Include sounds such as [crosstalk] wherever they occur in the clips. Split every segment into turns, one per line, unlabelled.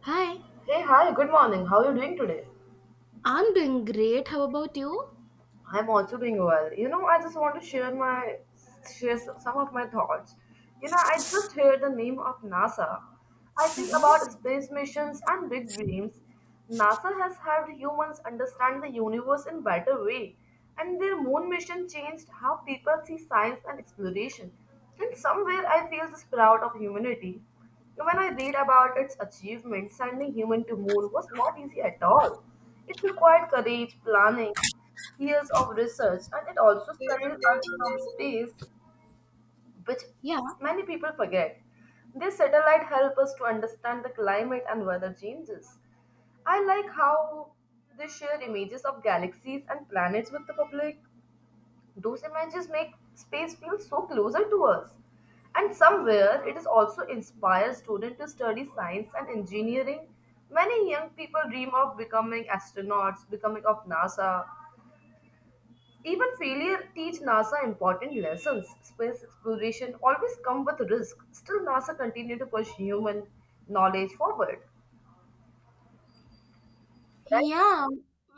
Hi,
Hey, hi, good morning. How are you doing today?
I'm doing great. How about you?
I'm also doing well. You know, I just want to share some of my thoughts. You know, I just heard the name of NASA. I think about
Mhm.
space missions and big dreams. NASA has helped humans understand the universe in better way, and their moon mission changed how people see science and exploration. In somewhere, I feel this proud of humanity. When I read about its achievement, sending human to moon was not easy at all. It required courage, planning, years of research and it also studies Earth from space, which
Yeah.
many people forget. This satellite helps us to understand the climate and weather changes. I like how they share images of galaxies and planets with the public. Those images make space feel so closer to us. And somewhere it is also inspires students to study science and engineering. Many young people dream of becoming astronauts, becoming of NASA, even failure teach NASA important lessons. Space exploration always come with risk. Still, NASA continue to push human knowledge forward. Right?
Yeah.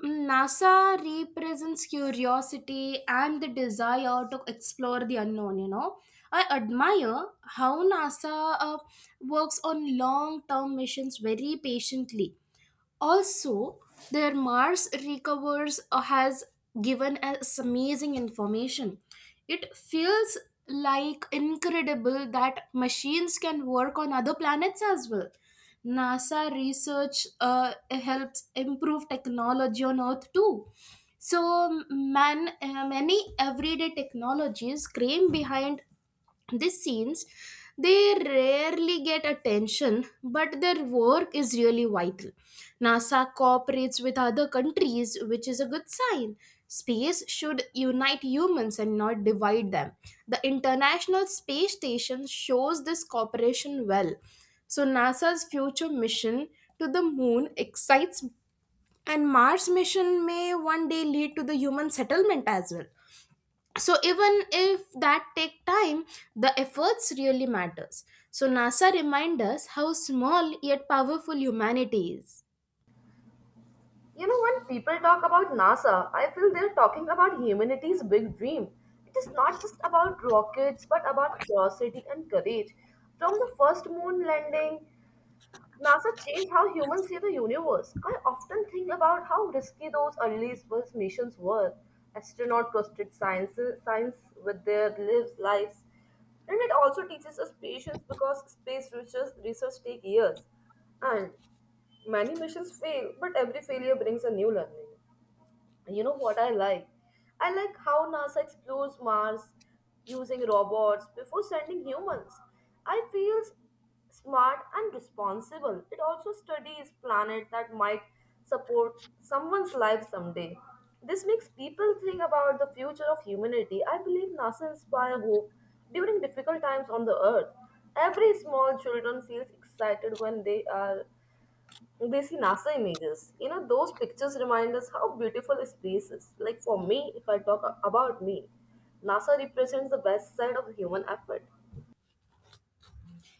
NASA represents curiosity and the desire to explore the unknown. I admire how NASA uh, works on long term missions very patiently. Also, their Mars recovers has given us amazing information. It feels like incredible that machines can work on other planets as well. NASA research helps improve technology on Earth too. So, many everyday technologies came behind these scenes, they rarely get attention, but their work is really vital. NASA cooperates with other countries, which is a good sign. Space should unite humans and not divide them. The International Space Station shows this cooperation well. So, NASA's future mission to the moon excites, and Mars mission may one day lead to the human settlement as well. So even if that take time, the efforts really matters. So NASA reminds us how small yet powerful humanity is.
You know, when people talk about NASA, I feel they're talking about humanity's big dream. It is not just about rockets, but about curiosity and courage. From the first moon landing NASA changed how humans see the universe. I often think about how risky those early space missions were. Astronauts trusted science with their lives. And it also teaches us patience because space research takes years. And many missions fail, but every failure brings a new learning. You know what I like? I like how NASA explores Mars using robots before sending humans. I feel smart and responsible. It also studies planets that might support someone's life someday. This makes people think about the future of humanity. I believe NASA inspires hope during difficult times on the earth. Every small children feels excited when they see NASA images. You know, those pictures remind us how beautiful space is. Like for me, if I talk about me, NASA represents the best side of human effort.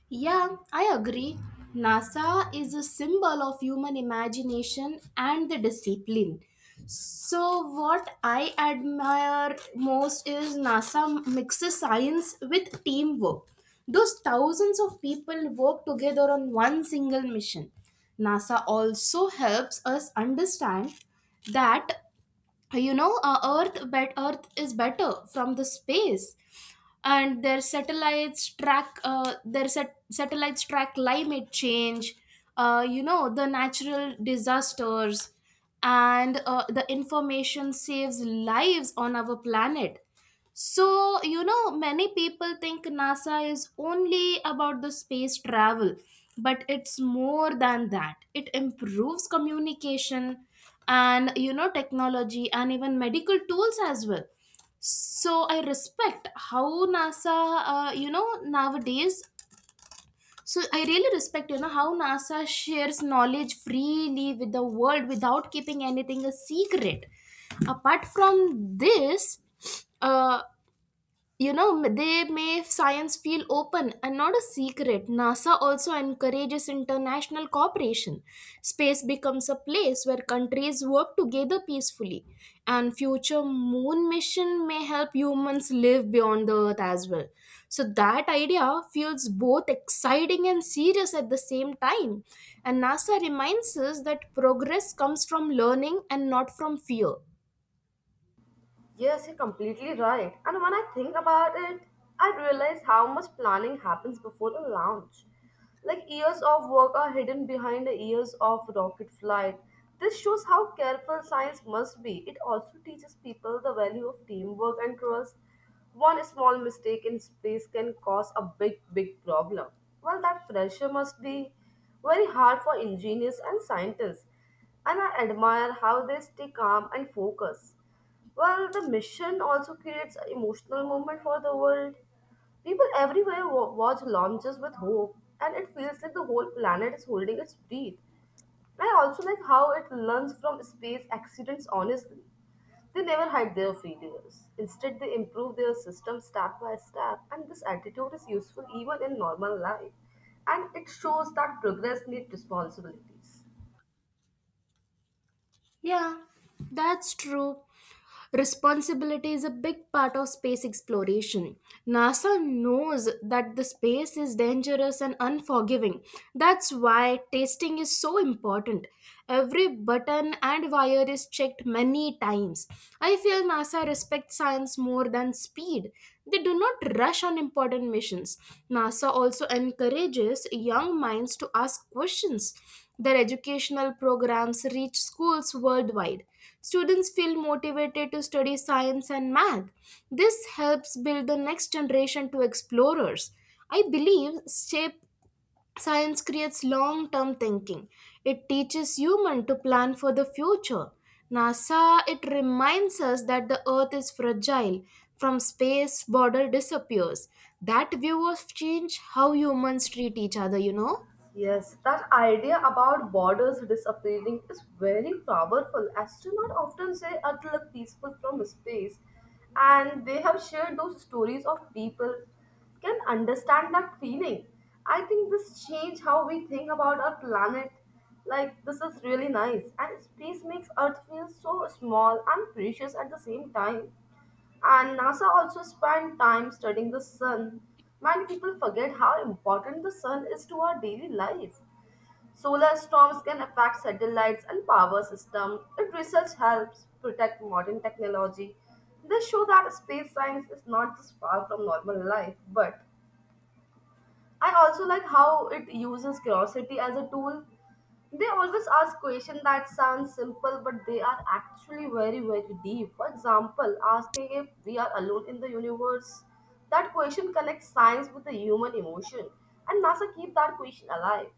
Yeah, I agree. NASA is a symbol of human imagination and the discipline. So, what I admire most is NASA mixes science with teamwork. Those thousands of people work together on one single mission. NASA also helps us understand that Earth is better from the space, and their satellites track satellites track climate change, the natural disasters, and the information saves lives on our planet. So many people think NASA is only about the space travel, but it's more than that. It improves communication and technology and even medical tools as well. So I respect how nasa you know nowadays so I really respect how NASA shares knowledge freely with the world without keeping anything a secret. Apart from this, uh, you know they make science feel open and not a secret. NASA also encourages international cooperation. Space becomes a place where countries work together peacefully, and future moon mission may help humans live beyond the earth as well. So that idea feels both exciting and serious at the same time, and NASA reminds us that progress comes from learning and not from fear.
Yes, you're completely right. And when I think about it, I realize how much planning happens before the launch. Like years of work are hidden behind the years of rocket flight. This shows how careful science must be. It also teaches people the value of teamwork and trust. One small mistake in space can cause a big, big problem. Well, that pressure must be very hard for engineers and scientists, and I admire how they stay calm and focused. Well, the mission also creates an emotional moment for the world. People everywhere watch launches with hope, and it feels like the whole planet is holding its breath. I also like how it learns from space accidents honestly. They never hide their failures. Instead, they improve their system step by step, and this attitude is useful even in normal life. And it shows that progress needs responsibilities.
Yeah, that's true. Responsibility is a big part of space exploration. NASA knows that the space is dangerous and unforgiving. That's why testing is so important. Every button and wire is checked many times. I feel NASA respects science more than speed. They do not rush on important missions. NASA also encourages young minds to ask questions. Their educational programs reach schools worldwide. Students feel motivated to study science and math. This helps build the next generation to explorers. I believe shape science creates long term thinking. It teaches humans to plan for the future. NASA, it reminds us that the earth is fragile. From space, border disappears. That view of change how humans treat each other, you know?
Yes, that idea about borders disappearing is very powerful. Astronauts often say Earth looked peaceful from space, and they have shared those stories of people can understand that feeling. I think this change how we think about our planet. Like this is really nice, and space makes Earth feel so small and precious at the same time. And NASA also spent time studying the sun. Many people forget how important the sun is to our daily life. Solar storms can affect satellites and power systems. Its research helps protect modern technology. This shows that space science is not just far from normal life, but I also like how it uses curiosity as a tool. They always ask questions that sound simple, but they are actually very, very deep. For example, asking if we are alone in the universe. That question connects science with the human emotion, and NASA keep that question alive.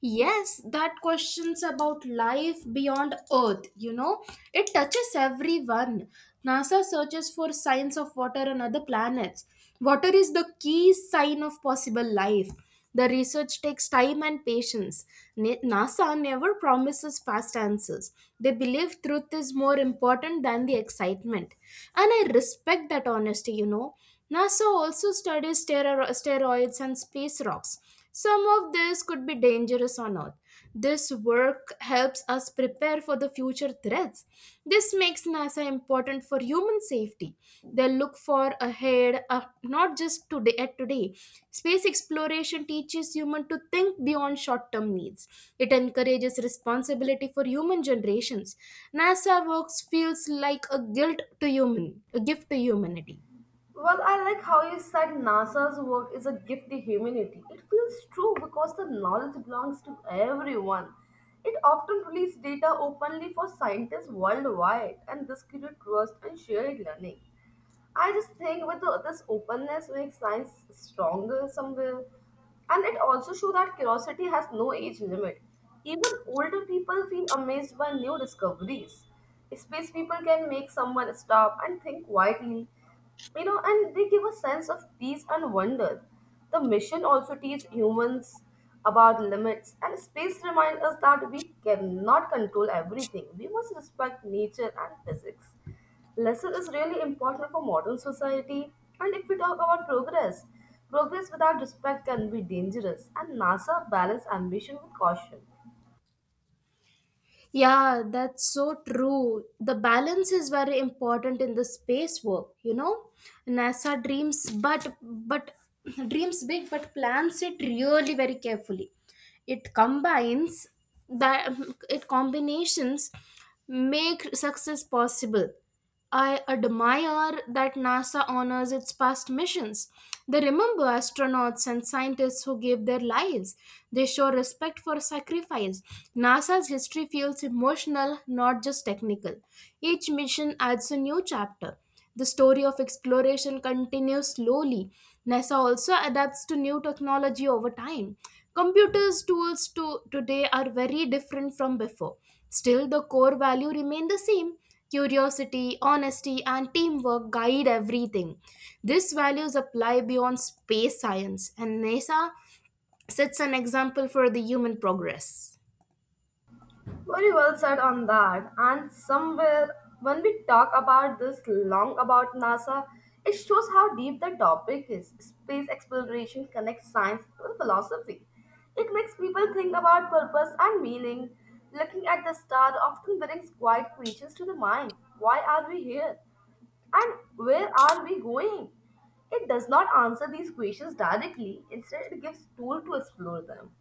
Yes, that question's about life beyond Earth, you know? It touches everyone. NASA searches for signs of water on other planets. Water is the key sign of possible life. The research takes time and patience. NASA never promises fast answers. They believe truth is more important than the excitement. And I respect that honesty, you know? NASA also studies steroids and space rocks. Some of this could be dangerous on Earth. This work helps us prepare for the future threats. This makes NASA important for human safety. They look for ahead, not just today at today. Space exploration teaches human to think beyond short-term needs. It encourages responsibility for human generations. NASA works feels like a guilt to human, a gift to humanity.
Well, I like how you said NASA's work is a gift to humanity. It feels true because the knowledge belongs to everyone. It often releases data openly for scientists worldwide, and this creates trust and shared learning. I just think with the, this openness makes science stronger somewhere. And it also shows that curiosity has no age limit. Even older people feel amazed by new discoveries. Space people can make someone stop and think quietly, you know, and they give a sense of peace and wonder. The mission also teaches humans about limits, and space reminds us that we cannot control everything. We must respect nature and physics. Lesson is really important for modern society. And if we talk about progress without respect can be dangerous, and NASA balance ambition with caution.
Yeah, that's so true. The balance is very important in the space work, you know. NASA dreams but [clears throat] dreams big but plans it really very carefully. It combines that it combinations make success possible. I admire that NASA honors its past missions. They remember astronauts and scientists who gave their lives. They show respect for sacrifice. NASA's history feels emotional, not just technical. Each mission adds a new chapter. The story of exploration continues slowly. NASA also adapts to new technology over time. Computers tools to today are very different from before. Still the core value remain the same. Curiosity, honesty and teamwork guide everything. These values apply beyond space science, and NASA sets an example for the human progress.
Very well said on that. And somewhere, when we talk about this long about NASA, it shows how deep the topic is. Space exploration connects science with philosophy. It makes people think about purpose and meaning. Looking at the star often brings quiet questions to the mind. Why are we here? And where are we going? It does not answer these questions directly, instead, it gives tool to explore them.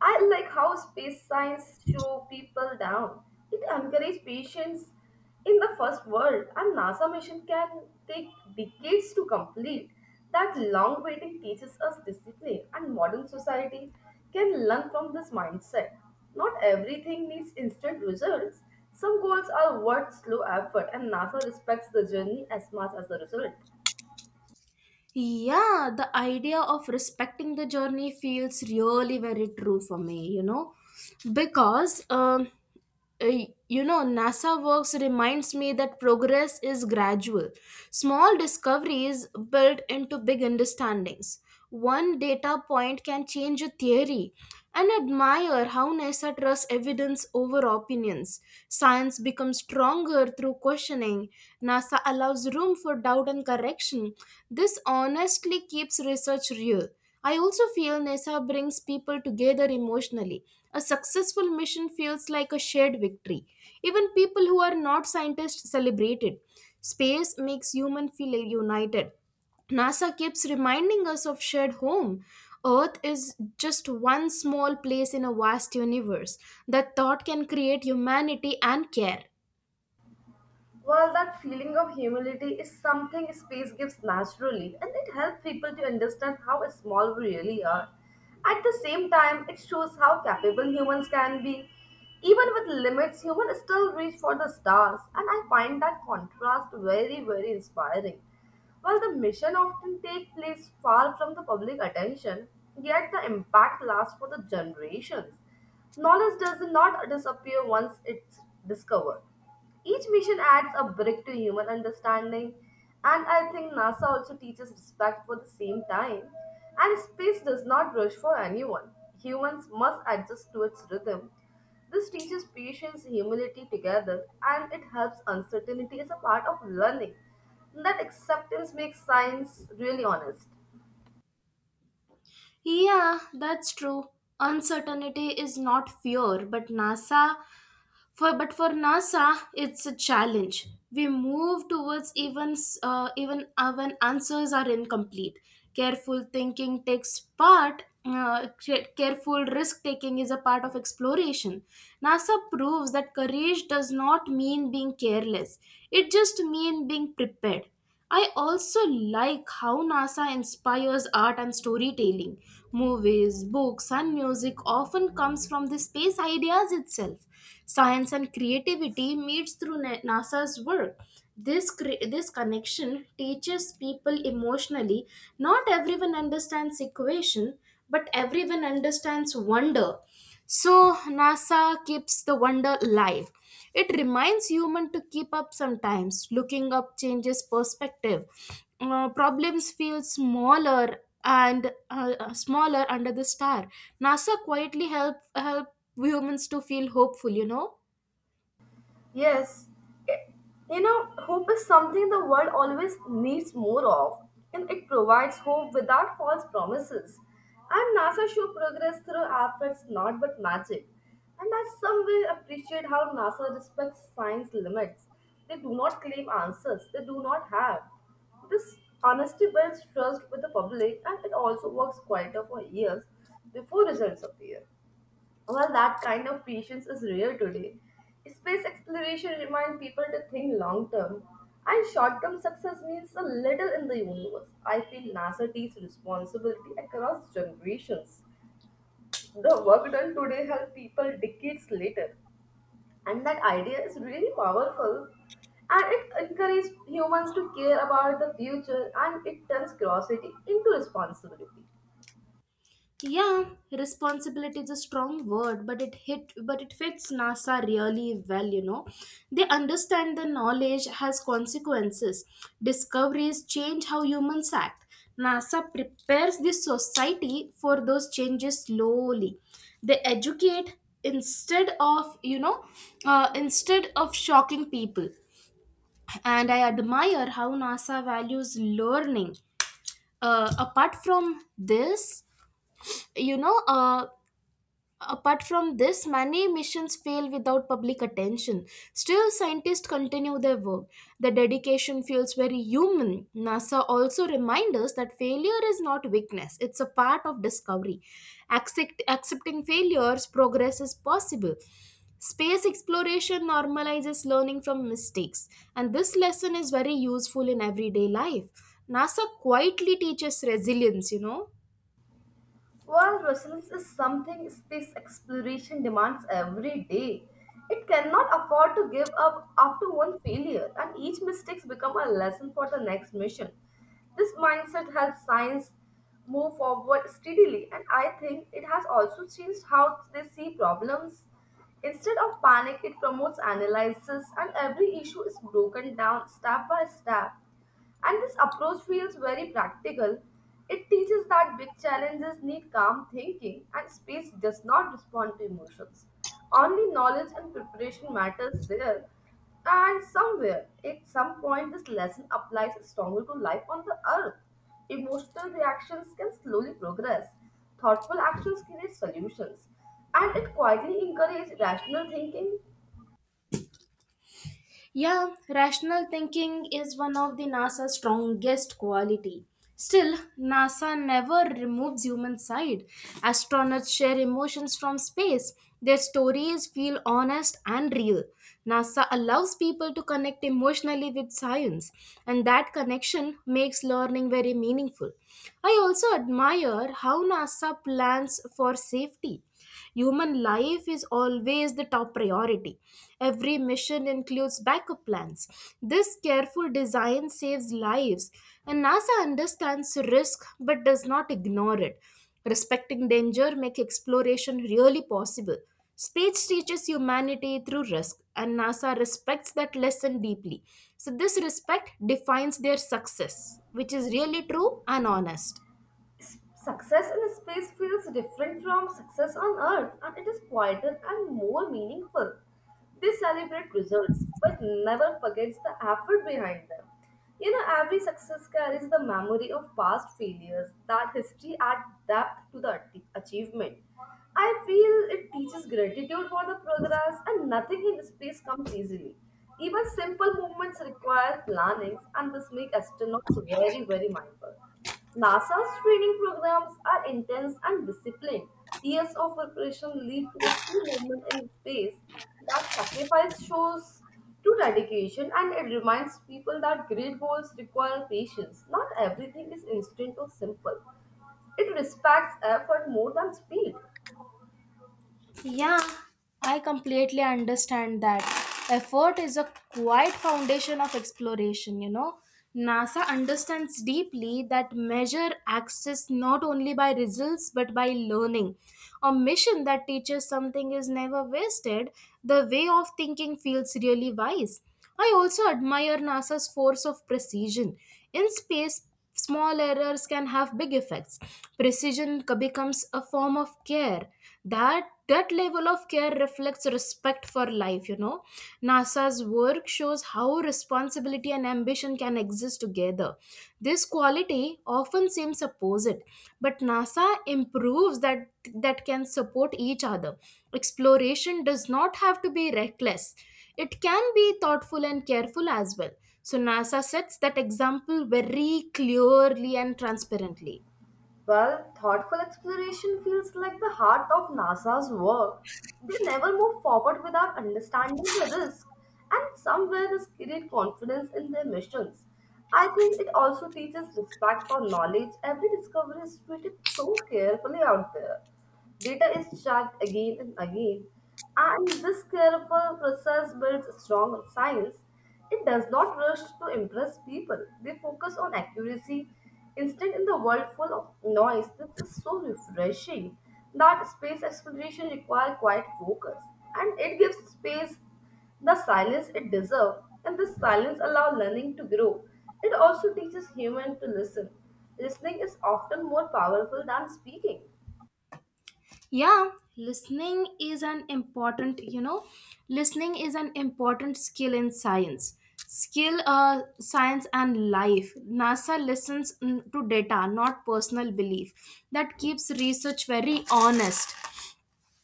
I like how space science show people down. It encourages patience in the first world, and NASA mission can take decades to complete. That long waiting teaches us discipline, and modern society can learn from this mindset. Not everything needs instant results. Some goals are worth slow effort, and NASA respects the journey as much as the result.
Yeah, the idea of respecting the journey feels really very true for me, you know, because uh, NASA works reminds me that progress is gradual. Small discoveries build into big understandings. One data point can change a theory, and admire how NASA trusts evidence over opinions. Science becomes stronger through questioning. NASA allows room for doubt and correction. This honestly keeps research real. I also feel NASA brings people together emotionally. A successful mission feels like a shared victory. Even people who are not scientists celebrate it. Space makes humans feel united. NASA keeps reminding us of shared home. Earth is just one small place in a vast universe. That thought can create humanity and care.
Well, that feeling of humility is something space gives naturally, and it helps people to understand how small we really are. At the same time, it shows how capable humans can be. Even with limits, humans still reach for the stars, and I find that contrast very, very inspiring. While the mission often take place far from the public attention, yet the impact lasts for the generations. Knowledge does not disappear once it's discovered. Each mission adds a brick to human understanding, and I think NASA also teaches respect for the same time. And space does not rush for anyone. Humans must adjust to its rhythm. This teaches patience, humility together, and it helps uncertainty as a part of learning. That acceptance makes science really honest.
Yeah, that's true. Uncertainty is not fear, but NASA. For NASA, it's a challenge. We move towards even s- even when answers are incomplete. Careful thinking takes part. Careful risk taking is a part of exploration. NASA proves that courage does not mean being careless. It just means being prepared. I also like how NASA inspires art and storytelling. Movies, books, and music often comes from the space ideas itself. Science and creativity meets through NASA's work. This connection teaches people emotionally. Not everyone understands equation, but everyone understands wonder. So NASA keeps the wonder alive. It reminds human to keep up sometimes. Looking up changes perspective. Problems feel smaller and smaller under the star. NASA quietly help humans to feel hopeful. You know.
Yes, it- you know, hope is something the world always needs more of, and it provides hope without false promises. And NASA show progress through efforts, not but magic. And I somewhere appreciate how NASA respects science limits. They do not claim answers they do not have. This honesty builds trust with the public, and it also works quieter for years before results appear. Well, that kind of patience is rare today. Space exploration reminds people to think long term, and short term success means a little in the universe. I feel NASA takes responsibility across generations. The work done today helps people decades later, and that idea is really powerful. And it encourages humans to care about the future and it turns curiosity into responsibility.
Yeah, responsibility is a strong word, but it hit but it fits NASA really well, you know. They understand the knowledge has consequences. Discoveries change how humans act. NASA prepares the society for those changes slowly. They educate instead of, you know, instead of shocking people. And I admire how NASA values learning. Uh, apart from this, you know, uh, Apart from this, many missions fail without public attention. Still, scientists continue their work. The dedication feels very human. NASA also reminds us that failure is not weakness, it's a part of discovery. Accepting failures, progress is possible. Space exploration normalizes learning from mistakes, and this lesson is very useful in everyday life. NASA quietly teaches resilience, you know.
While resilience is something space exploration demands every day, it cannot afford to give up after one failure, and each mistake becomes a lesson for the next mission. This mindset helps science move forward steadily, and I think it has also changed how they see problems. Instead of panic, it promotes analysis, and every issue is broken down step by step. And this approach feels very practical. It teaches that big challenges need calm thinking and space does not respond to emotions. Only knowledge and preparation matters there. And somewhere, at some point, this lesson applies stronger to life on the earth. Emotional reactions can slowly progress. Thoughtful actions create solutions. And it quietly encourages rational thinking.
Yeah, rational thinking is one of the NASA's strongest quality. Still, NASA never removes human side. Astronauts share emotions from space. Their stories feel honest and real. NASA allows people to connect emotionally with science, and that connection makes learning very meaningful. I also admire how NASA plans for safety. Human life is always the top priority. Every mission includes backup plans. This careful design saves lives, and NASA understands risk but does not ignore it. Respecting danger makes exploration really possible. Space teaches humanity through risk, and NASA respects that lesson deeply. So, this respect defines their success, which is really true and honest.
Success in space feels different from success on Earth, and it is quieter and more meaningful. They celebrate results, but never forgets the effort behind them. You know, every success carries the memory of past failures. That history adds depth to the achievement. I feel it teaches gratitude for the progress, and nothing in space comes easily. Even simple movements require plannings, and this makes astronauts very, very mindful. NASA's training programs are intense and disciplined. Years of preparation lead to a full movement in space. That sacrifice shows true dedication and it reminds people that great goals require patience. Not everything is instant or simple. It respects effort more than speed.
Yeah, I completely understand that. Effort is a quiet foundation of exploration, you know. NASA understands deeply that measure access not only by results but by learning. A mission that teaches something is never wasted. The way of thinking feels really wise. I also admire NASA's force of precision. In space, small errors can have big effects. Becomes a form of care. That level of care reflects respect for life, you know. NASA's work shows how responsibility and ambition can exist together. This quality often seems opposite, but NASA improves that that can support each other. Exploration does not have to be reckless. It can be thoughtful and careful as well. So NASA sets that example very clearly and transparently.
Well, thoughtful exploration feels like the heart of NASA's work. They never move forward without understanding the risk, and somewhere this creates confidence in their missions. I think it also teaches respect for knowledge. Every discovery is treated so carefully out there. Data is checked again and again, and this careful process builds strong science. It does not rush to impress people. They focus on accuracy instead, in the world full of noise, this is so refreshing that space exploration requires quiet focus and it gives space the silence it deserves, and this silence allows learning to grow. It also teaches human to listen. Listening is often more powerful than speaking.
Yeah, listening is an important you know listening is an important skill in science, skill science and life. NASA listens, to data not personal belief. That keeps research very honest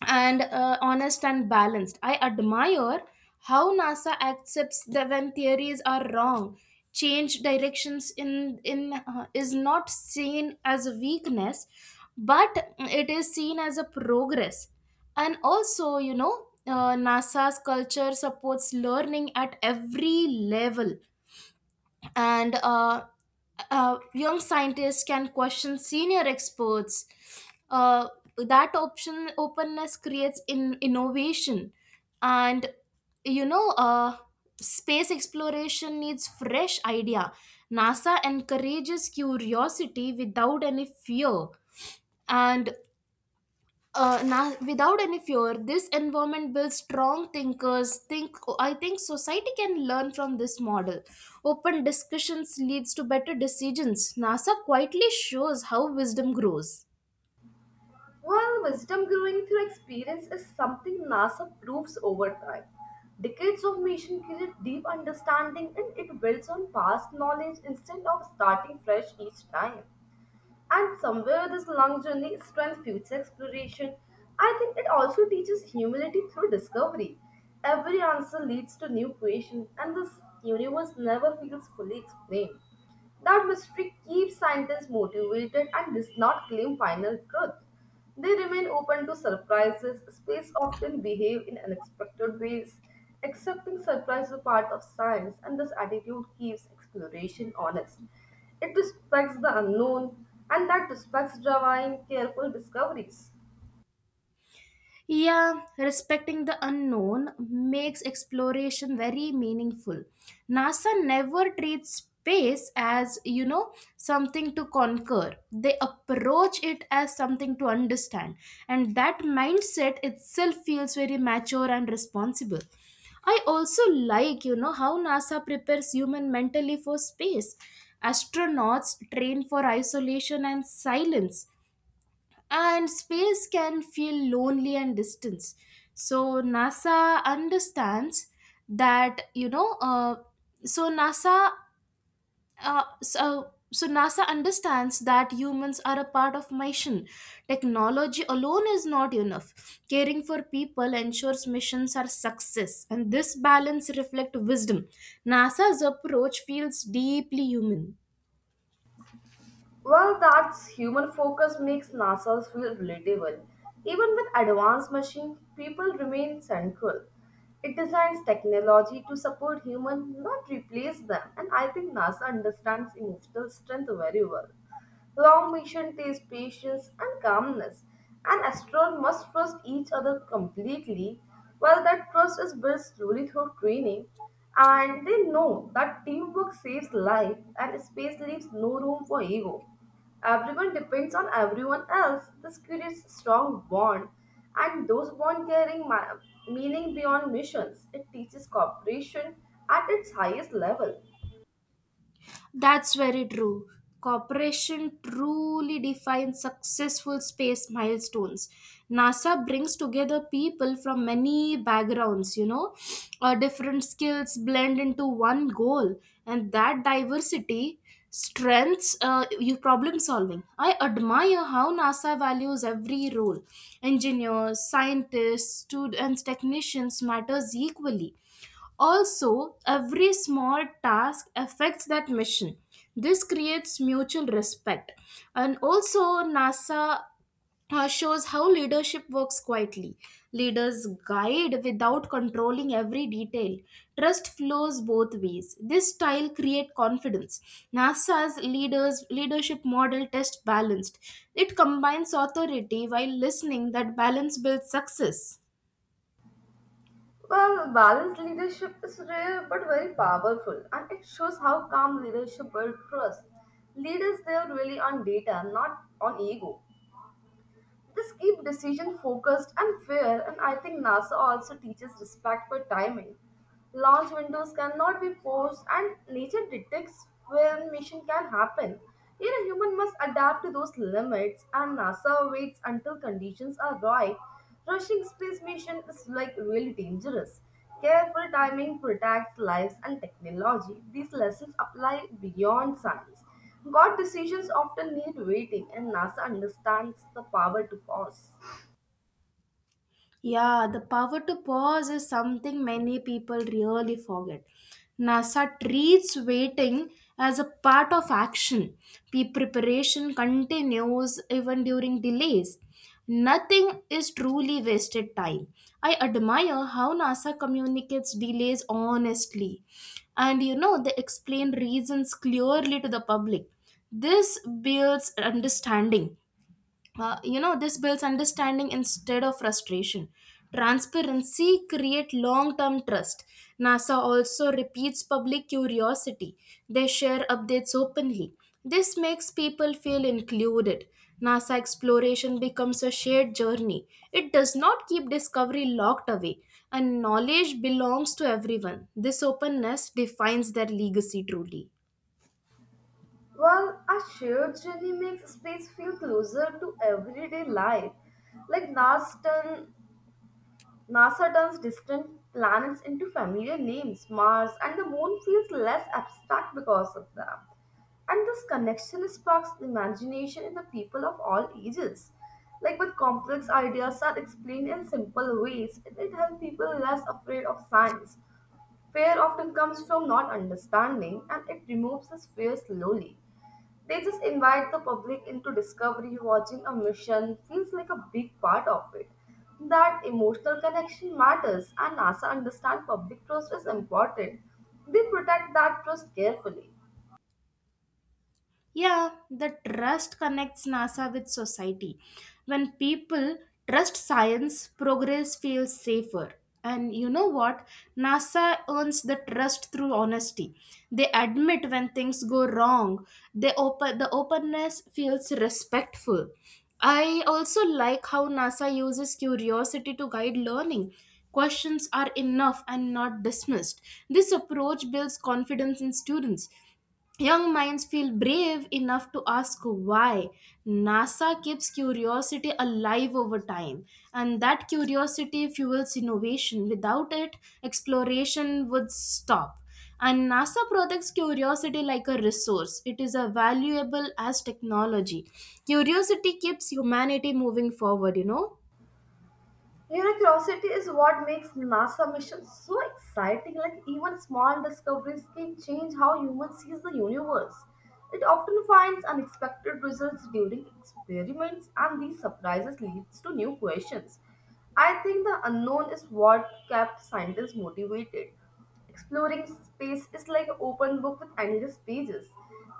and balanced. I admire how NASA accepts that when theories are wrong, change directions in is not seen as a weakness, but it is seen as a progress. And also, NASA's culture supports learning at every level, and young scientists can question senior experts. Uh, that option openness creates in innovation, and you know, uh, space exploration needs fresh idea. NASA encourages curiosity without any fear, and without any fear this environment builds strong thinkers. Think I think society can learn from this model. Open discussions leads to better decisions. NASA quietly shows how wisdom grows.
Well, wisdom growing through experience is something NASA proves over time. Decades of mission create deep understanding and it builds on past knowledge instead of starting fresh each time. And somewhere this long journey strengthens future exploration. I think it also teaches humility through discovery. Every answer leads to new creation, and this universe never feels fully explained. That mystery keeps scientists motivated and does not claim final truth. They remain open to surprises. Space often behave in unexpected ways. Accepting surprise is a part of science, and this attitude keeps exploration honest. It respects the unknown, and that respects divine, careful discoveries.
Yeah, respecting the unknown makes exploration very meaningful. NASA never treats space as, you know, something to conquer. They approach it as something to understand. And that mindset itself feels very mature and responsible. I also like, you know, how NASA prepares human mentally for space. Astronauts train for isolation and silence, and space can feel lonely and distant, so NASA understands that so NASA, so NASA understands that humans are a part of mission. Technology alone is not enough. Caring for people ensures missions are success, and this balance reflects wisdom. NASA's approach feels deeply human.
Well, that's human focus makes NASA feel relatable. Even with advanced machines, people remain central. It designs technology to support humans, not replace them, and I think NASA understands emotional strength very well. Long mission teaches patience and calmness, and astronaut must trust each other completely. While that trust is built slowly through training, and they know that teamwork saves life and space leaves no room for ego. Everyone depends on everyone else. This creates strong bond, and those bond carrying meaning beyond missions. It teaches cooperation at its highest level.
That's very true. Cooperation truly defines successful space milestones. NASA brings together people from many backgrounds, you know, different skills blend into one goal, and that diversity strengths you problem solving. I admire how NASA values every role. Engineers, scientists, students, technicians matters equally. Also, every small task affects that mission. This creates mutual respect. And also, NASA shows how leadership works quietly. Leaders guide without controlling every detail. Trust flows both ways. This style creates confidence. NASA's leadership model test balanced. It combines authority while listening. That balance builds success.
Well, balanced leadership is rare but very powerful, and it shows how calm leadership builds trust. Leaders they are really on data, not on ego. This keeps decision focused and fair, and I think NASA also teaches respect for timing. Launch windows cannot be forced, and nature detects when mission can happen. Yet a human must adapt to those limits, and NASA waits until conditions are right. Rushing space mission is like really dangerous. Careful timing protects lives and technology. These lessons apply beyond science. God decisions often need waiting, and NASA understands the power to pause.
Yeah, the power to pause is something many people really forget. NASA treats waiting as a part of action. Preparation continues even during delays. Nothing is truly wasted time. I admire how NASA communicates delays honestly. And you know, they explain reasons clearly to the public. This builds understanding this builds understanding instead of frustration. Transparency create long-term trust. NASA also repeats public curiosity. They share updates openly. This makes people feel included. NASA exploration becomes a shared journey. It does not keep discovery locked away, and knowledge belongs to everyone. This openness defines their legacy truly.
Well, a shared journey makes space feel closer to everyday life. Like NASA, turn, NASA turns distant planets into familiar names, Mars, and the moon feels less abstract because of them. And this connection sparks imagination in the people of all ages. Like when complex ideas are explained in simple ways, it helps people less afraid of science. Fear often comes from not understanding and it removes this fear slowly. They just invite the public into discovery, watching a mission feels like a big part of it. That emotional connection matters and NASA understands public trust is important. They protect that trust carefully.
Yeah, the trust connects NASA with society. When people trust science, progress feels safer. And you know what? NASA earns the trust through honesty. They admit when things go wrong. They open the openness feels respectful. I also like how NASA uses curiosity to guide learning. Questions are enough and not dismissed. This approach builds confidence in students. Young minds feel brave enough to ask why. NASA keeps curiosity alive over time, and that curiosity fuels innovation. Without it, exploration would stop. And NASA protects curiosity like a resource, it is as valuable as technology. Curiosity keeps humanity moving forward, you know.
You know, curiosity is what makes NASA missions so exciting. Like, even small discoveries can change how humans sees the universe. It often finds unexpected results during experiments, and these surprises leads to new questions. I think the unknown is what kept scientists motivated. Exploring space is like an open book with endless pages.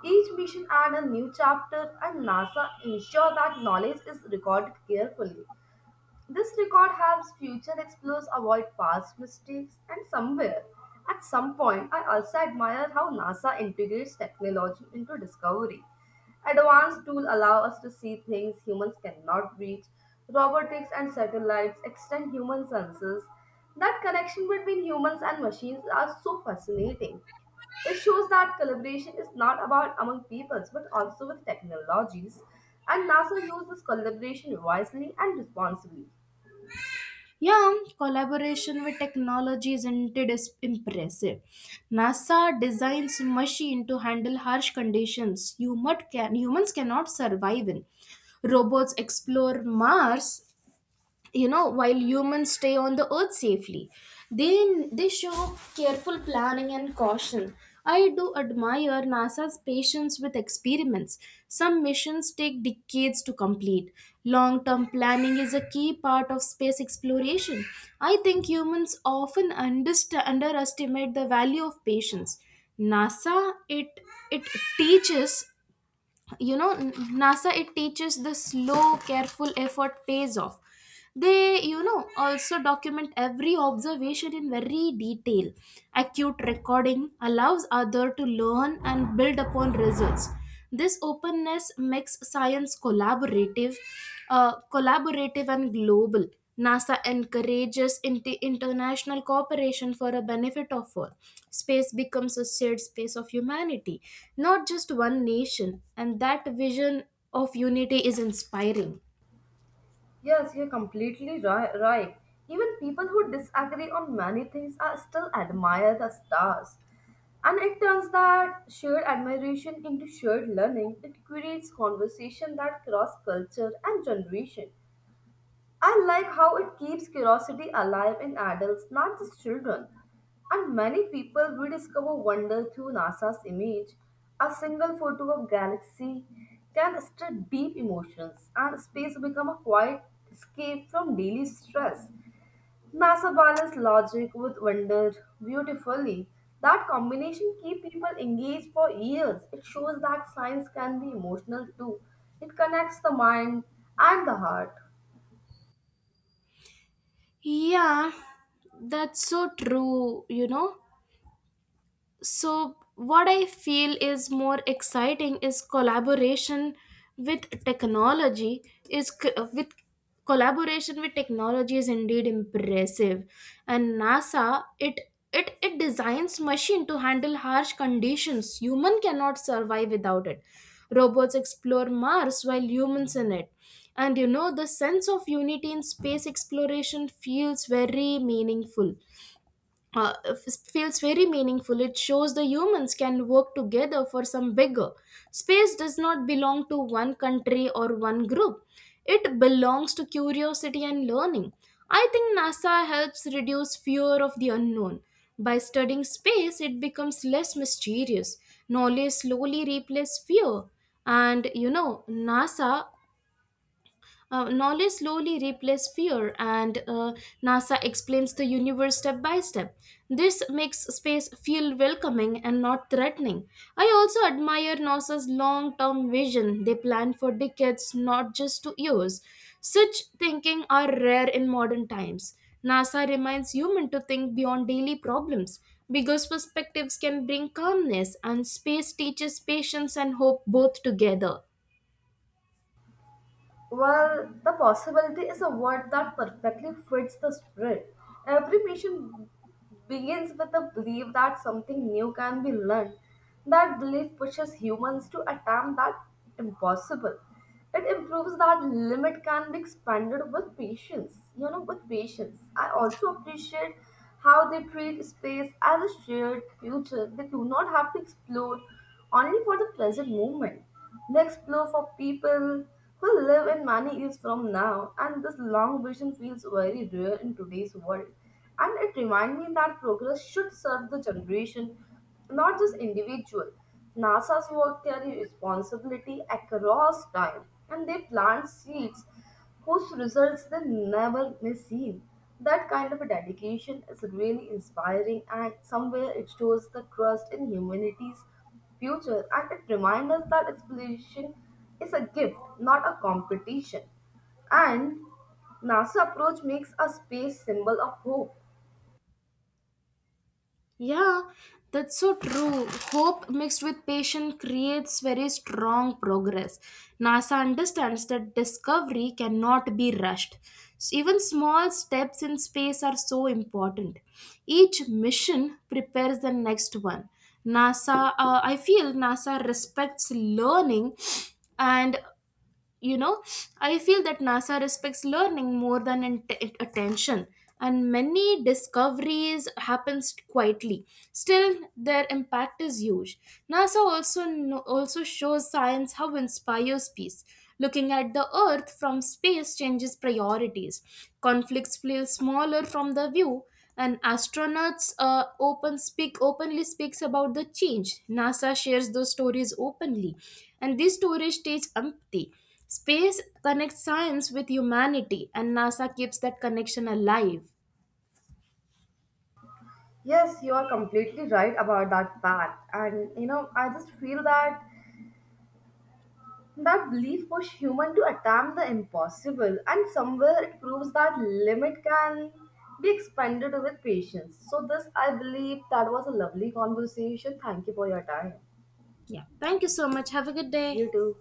Each mission adds a new chapter, and NASA ensure that knowledge is recorded carefully. This record helps future explorers avoid past mistakes, and somewhere, at some point, I also admire how NASA integrates technology into discovery. Advanced tools allow us to see things humans cannot reach. Robotics and satellites extend human senses. That connection between humans and machines are so fascinating. It shows that collaboration is not about among peoples but also with technologies, and NASA used this collaboration wisely and responsibly.
Yeah, collaboration with technology is indeed is impressive. NASA designs machine to handle harsh conditions humans cannot survive in. Robots explore Mars, you know, while humans stay on the earth safely. They show careful planning and caution. I do admire NASA's patience with experiments. Some missions take decades to complete. Long term planning is a key part of space exploration. I think humans often underestimate the value of patience. Nasa it it teaches you know N- nasa it teaches the slow careful effort pays off. They, you know, also document every observation in very detail. Acute recording allows other to learn and build upon results. This openness makes science collaborative, collaborative and global. NASA encourages international cooperation for a benefit of all. Space becomes a shared space of humanity, not just one nation, and that vision of unity is inspiring.
Yes, you're completely right. Even people who disagree on many things are still admire the stars. And it turns that shared admiration into shared learning. It creates conversation that cross culture and generation. I like how it keeps curiosity alive in adults, not just children. And many people rediscover wonder through NASA's image. A single photo of galaxy can stir deep emotions, and space become a quiet escape from daily stress. NASA balances logic with wonder beautifully. That combination keeps people engaged for years. It shows that science can be emotional too. It connects the mind and the heart.
Yeah, that's so true, you know. So what I feel is more exciting is with technology is c- uh, with collaboration with technology is indeed impressive. And NASA, it designs machine to handle harsh conditions human cannot survive without it. Robots explore Mars while humans in it. And you know, the sense of unity in space exploration feels very feels very meaningful. It shows the humans can work together for some bigger. Space does not belong to one country or one group, it belongs to curiosity and learning. I think NASA helps reduce fear of the unknown. By studying space, it becomes less mysterious. Knowledge slowly replaces fear. And you know, NASA Knowledge slowly replaces fear, and NASA explains the universe step by step. This makes space feel welcoming and not threatening. I also admire NASA's long term vision. They plan for decades, not just to years. Such thinking are rare in modern times. NASA reminds humans to think beyond daily problems. Because perspectives can bring calmness, and space teaches patience and hope both together.
Well, the possibility is a word that perfectly fits the spirit. Every mission begins with the belief that something new can be learned. That belief pushes humans to attempt that impossible. It improves that limit can be expanded with patience. You know, with patience. I also appreciate how they treat space as a shared future. They do not have to explore only for the present moment. They explore for people we live in many years from now, and this long vision feels very rare in today's world. And it reminds me that progress should serve the generation, not just individual. NASA's work carries responsibility across time, and they plant seeds whose results they never may seen. That kind of a dedication is really inspiring, and somewhere it shows the trust in humanity's future and it reminds us that exploration is a gift, not a competition. And NASA approach makes a space symbol of hope.
Yeah, that's so true. Hope mixed with patience creates very strong progress. NASA understands that discovery cannot be rushed. So even small steps in space are so important. Each mission prepares the next one. NASA, I feel NASA respects learning and you know I feel that nasa respects learning more than attention. And many discoveries happens quietly, still their impact is huge. NASA also shows science how inspires peace. Looking at the earth from space changes priorities. Conflicts feel smaller from the view. And astronauts, openly speaks about the change. NASA shares those stories openly, and these stories teach empathy. Space connects science with humanity, and NASA keeps that connection alive.
Yes, you are completely right about that fact. And you know, I just feel that that belief push human to attempt the impossible and somewhere it proves that limit can be expanded with patience. So this I believe that was a lovely conversation. Thank you for your time.
Yeah. Thank you so much. Have a good
You
day.
too.